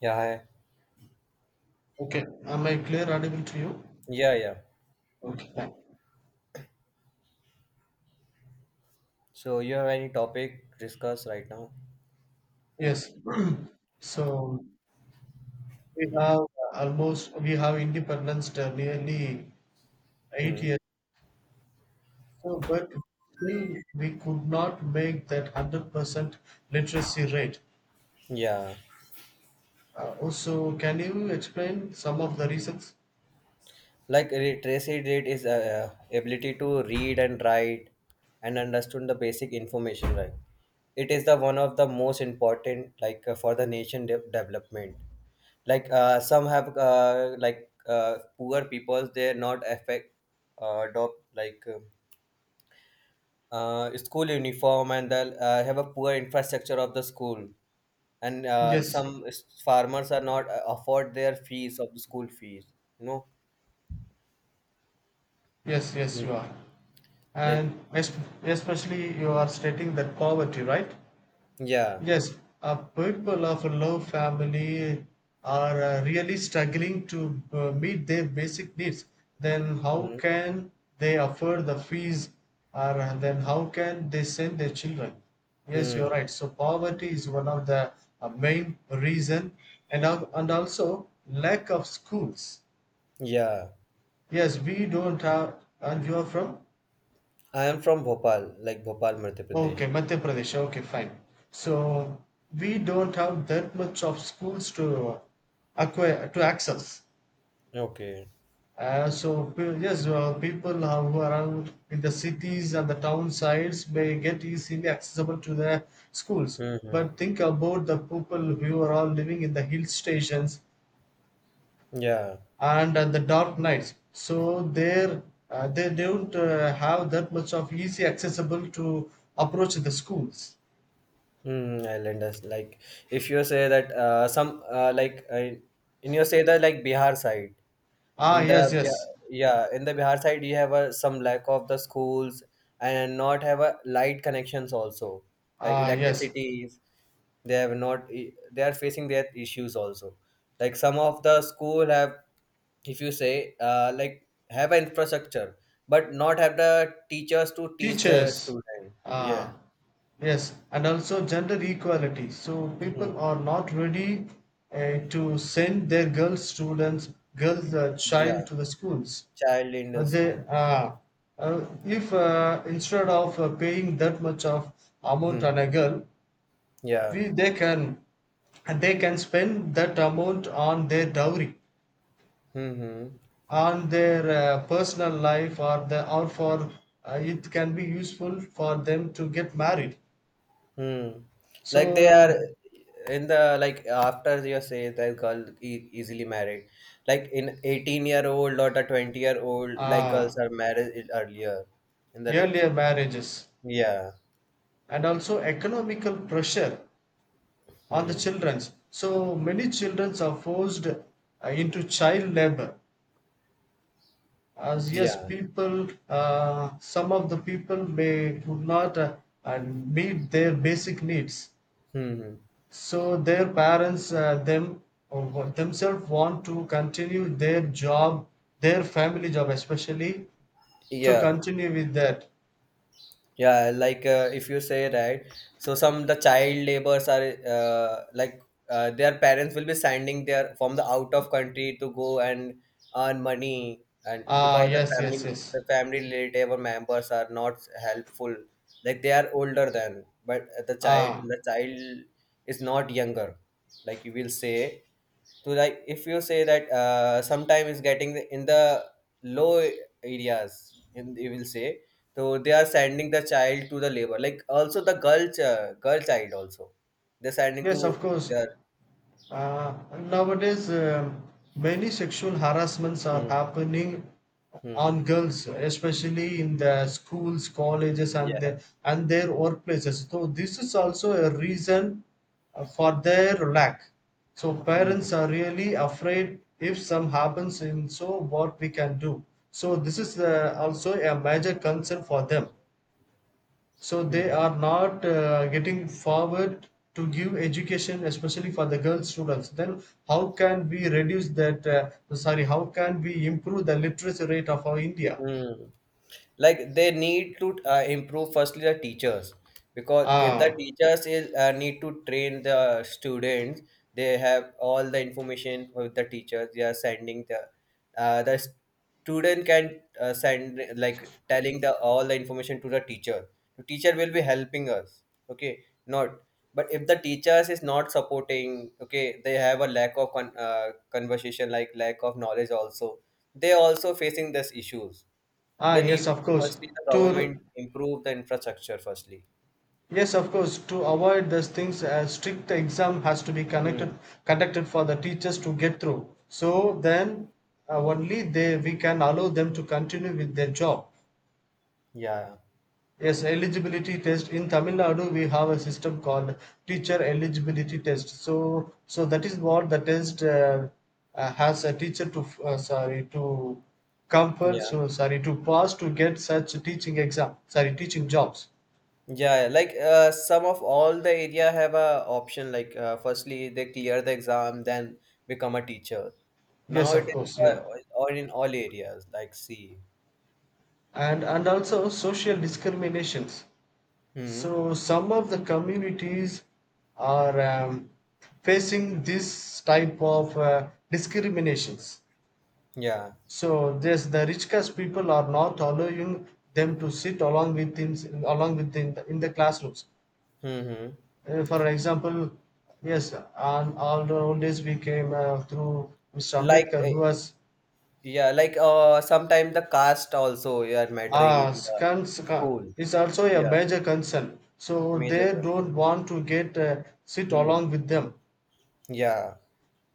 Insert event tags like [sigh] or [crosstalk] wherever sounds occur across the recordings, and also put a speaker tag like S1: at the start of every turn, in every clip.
S1: Yeah, hi.
S2: Okay. Am I clear audible to you?
S1: Yeah, yeah.
S2: Okay, fine.
S1: So you have any topic discuss right now?
S2: Yes. [clears throat] So we
S1: Hmm.
S2: have independence nearly eight
S1: Hmm.
S2: years. So, but still we could not make that 100% literacy rate.
S1: Yeah.
S2: Also, can you explain some of the reasons?
S1: Like re- Tracy did is ability to read and write and understand the basic information, right? It is the one of the most important like for the nation de- development. Like some have like poor peoples they're not affect adopt like school uniform and they have a poor infrastructure of the school and
S2: Yes,
S1: some s- farmers are not afford their fees of the school fees you know
S2: yes, yes, you
S1: Mm,
S2: are.
S1: like
S2: And es- Especially you are stating that poverty, right?
S1: yeah
S2: Yes, people of a low family are really struggling to meet their basic needs. Then how
S1: mm,
S2: can they afford the fees, or then how can they send their children? Yes, you're
S1: hmm
S2: right. So poverty is one of the main reason, and also lack of schools.
S1: yeah.
S2: Yes, we don't have. And you are from?
S1: I am from Bhopal, like Bhopal Madhya
S2: Okay,
S1: Pradesh.
S2: Madhya Pradesh. Okay, fine. So we don't have that much of schools to acquire to access.
S1: Okay.
S2: Yes, well, people are- who are around in the cities and the town sides may get easily accessible to the schools.
S1: Mm-hmm.
S2: But think about the people who are all living in the hill stations
S1: Yeah.
S2: and at the dark nights. So there, they don't have that much of easy accessible to approach the schools.
S1: Mm, islanders like if you say that some like in you say that like Bihar side,
S2: Ah,
S1: in the
S2: yes, yes.
S1: yeah, yeah in the Bihar side you have a, some lack of the schools and not have a light connections also, like
S2: Ah, yes,
S1: electricity. They have not I- they are facing their issues also, like some of the school have if you say like have an infrastructure but not have the teachers to teach their
S2: teachers.
S1: student. Yeah.
S2: Ah, yes, and also gender equality. So people
S1: Mhm.
S2: are not ready to send their girl students, girl child
S1: Yeah
S2: to the schools.
S1: child in the
S2: But they,
S1: school.
S2: ah, if Instead of paying that much of amount
S1: Hmm.
S2: on a girl,
S1: Yeah.
S2: we they can and they can spend that amount on their dowry,
S1: Hmm.
S2: on their personal life, or the or for it can be useful for them to get married.
S1: Hmm. Like they are
S2: So
S1: in the like after you say the girl e- easily married, like in 18-year-old or the 20-year old, like
S2: uh,
S1: girls are married earlier in the like.
S2: earlier marriages,
S1: Yeah.
S2: and also economical pressure on the
S1: Hmm.
S2: children. So many childrens are forced into child labor. As yes,
S1: Yeah.
S2: people, some of the people may could not, meet their basic needs.
S1: Hmm.
S2: So their parents, themselves want to continue their job, their family job especially, to
S1: Yeah.
S2: continue with that.
S1: Yeah. Like if you say right, so some the child laborers are like their parents will be sending their from the out of country to go and earn money, and
S2: Ah,
S1: because the
S2: yes, yes,
S1: family,
S2: yes.
S1: the family relative or members are not helpful, like they are older than, but the child
S2: Ah,
S1: the child is not younger, like you will say. So like if you say that sometime is getting in the low areas in you will say, so they are sending the child to the labor, like also the girl ch- girl child also they're sending to
S2: yes, of course.
S1: their.
S2: And nowadays, many sexual harassments are
S1: Hmm,
S2: happening
S1: hmm,
S2: on girls, especially in the schools, colleges, and
S1: yeah
S2: the, and their workplaces. So this is also a reason for their lack. So parents
S1: hmm,
S2: are really afraid if some happens in, so what we can do. So this is also a major concern for them, so they
S1: hmm,
S2: are not getting forward to give education especially for the girl students. Then how can we reduce that, no, sorry, how can we improve the literacy rate of our India?
S1: hmm. Like they need to improve firstly the teachers, because if the
S2: Ah.
S1: teachers is, need to train the students, they have all the information with the teachers. They are sending the student can send like telling the all the information to the teacher, the teacher will be helping us. Okay, not, but if the teachers is not supporting, okay they have a lack of con- conversation, like lack of knowledge also, they also facing this issues.
S2: Ah,
S1: They need
S2: yes, of course.
S1: firstly the
S2: to
S1: government improve the infrastructure firstly.
S2: yes of course, to avoid these things, a strict exam has to be connected
S1: Hmm.
S2: conducted for the teachers to get through. So then only they, we can allow them to continue with their job.
S1: Yeah.
S2: Yes, eligibility test. In Tamil Nadu, we have a system called teacher eligibility test. So, so that is what the test, has a teacher to sorry, to compel,
S1: Yeah.
S2: so sorry, to pass to get such teaching exam, sorry, teaching jobs.
S1: Yeah. Like some of all the area have a option like firstly they clear the exam then become a teacher. Now
S2: Yes,
S1: it
S2: of
S1: is
S2: course,
S1: uh,
S2: yeah,
S1: all in all areas like see.
S2: and also social discriminations.
S1: Hmm.
S2: So some of the communities are facing this type of discriminations.
S1: Yeah.
S2: So yes, the rich caste people are not allowing them to sit along with, in, along with in the classrooms.
S1: Hmm.
S2: For example, yes, and all the old days we came through Mr.
S1: Like
S2: Ambedkar, who was
S1: yeah. Like sometimes the caste also you are mattering
S2: uh,
S1: the
S2: cons- con-
S1: school.
S2: is also a
S1: Yeah.
S2: major concern. So
S1: Major
S2: they
S1: concern.
S2: don't want to get sit
S1: Hmm.
S2: along with them,
S1: Yeah.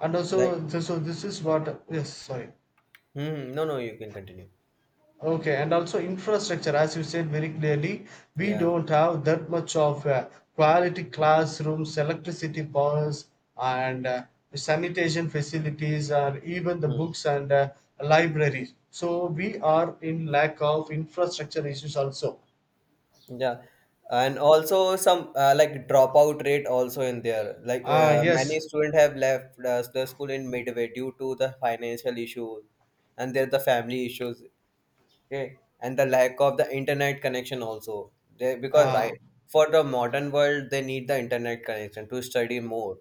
S2: and
S1: Like.
S2: also, so so this is what, yes, sorry.
S1: Hmm. No. No. You can continue.
S2: Okay, and also infrastructure, as you said very clearly, we
S1: Yeah.
S2: don't have that much of quality classrooms, electricity powers, and sanitation facilities, or even the
S1: Hmm.
S2: books and libraries. So we are in lack of infrastructure issues also.
S1: Yeah. And also some like dropout rate also in there. Like
S2: Ah,
S1: many
S2: yes.
S1: students have left the school in midway due to the financial issue and there the family issues. Okay, and the lack of the internet connection also. They, because
S2: Ah.
S1: right, for the modern world they need the internet connection to study more.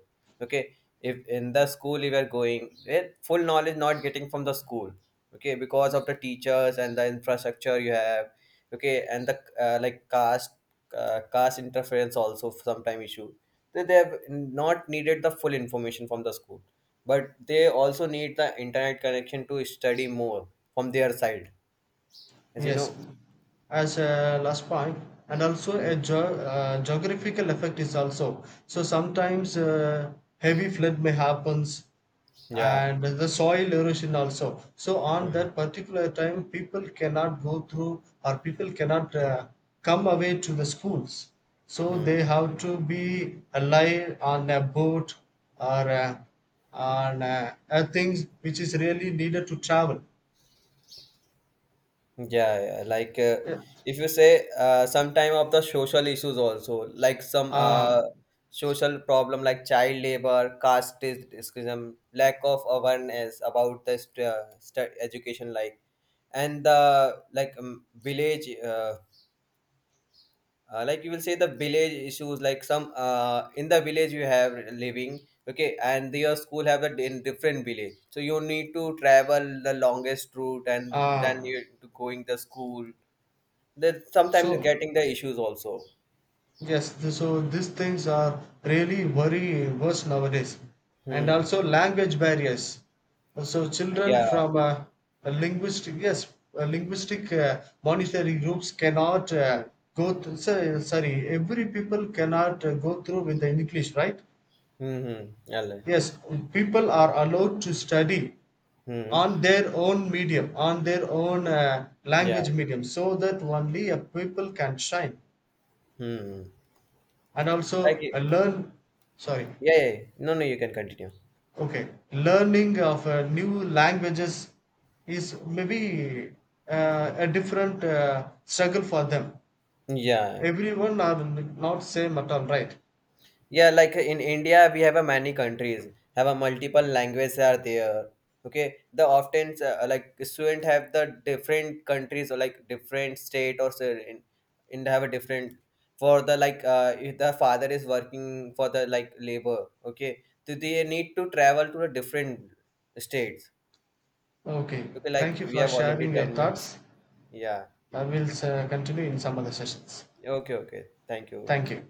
S1: Okay, if in the school you are going eh, full knowledge not getting from the school, okay because of the teachers and the infrastructure you have. Okay, and the like caste caste interference also sometime issue. They have not needed the full information from the school, but they also need the internet connection to study more from their side, as you
S2: Yes,
S1: know.
S2: as a last point, and also a
S1: Mhm.
S2: geographical effect is also. So sometimes heavy flood may happens,
S1: Yeah.
S2: and the soil erosion also. So on
S1: Mhm.
S2: that particular time, people cannot go through, or people cannot come away to the schools. So
S1: Mhm.
S2: they have to be alive on a boat or on things which is really needed to travel.
S1: Yeah, yeah. Like
S2: Yeah.
S1: if you say some time of the social issues also, like some
S2: Uh,
S1: social problem like child labor, caste discrimination, lack of awareness about the st- st- education, like and the like village like you will say the village issues, like some in the village you have living, okay and your school have it in different village, so you need to travel the longest route and
S2: uh,
S1: then you to going the school, then sometimes
S2: So
S1: getting the issues also.
S2: yes, so these things are really very worse nowadays, and
S1: Hmm
S2: also language barriers. So children
S1: yeah
S2: from a linguistic, yes, linguistic monetary groups cannot,
S1: hmm
S2: sorry, every people cannot go through with the English, right?
S1: hmm yeah
S2: Yes, people are allowed to study
S1: hmm
S2: on their own medium, on their own
S1: yeah
S2: language medium, so that only a people can shine
S1: hmm
S2: and
S1: like
S2: also learn. Sorry.
S1: yeah, yeah, no no you can continue
S2: Okay, learning of new languages is maybe a different struggle for them.
S1: yeah.
S2: Everyone are not same at all, right?
S1: Yeah, like in India, we have a many countries have a multiple languages are there. Okay, the often like student have the different countries or like different state or so in have a different for the like if the father is working for the like labor. Okay, so they need to travel to the different states.
S2: Okay,
S1: Okay,
S2: thank
S1: like
S2: you
S1: we
S2: for
S1: have
S2: sharing
S1: already
S2: your
S1: 10 minutes.
S2: thoughts.
S1: Yeah.
S2: I will continue in some other sessions.
S1: Okay. Okay. Thank you.
S2: Thank you.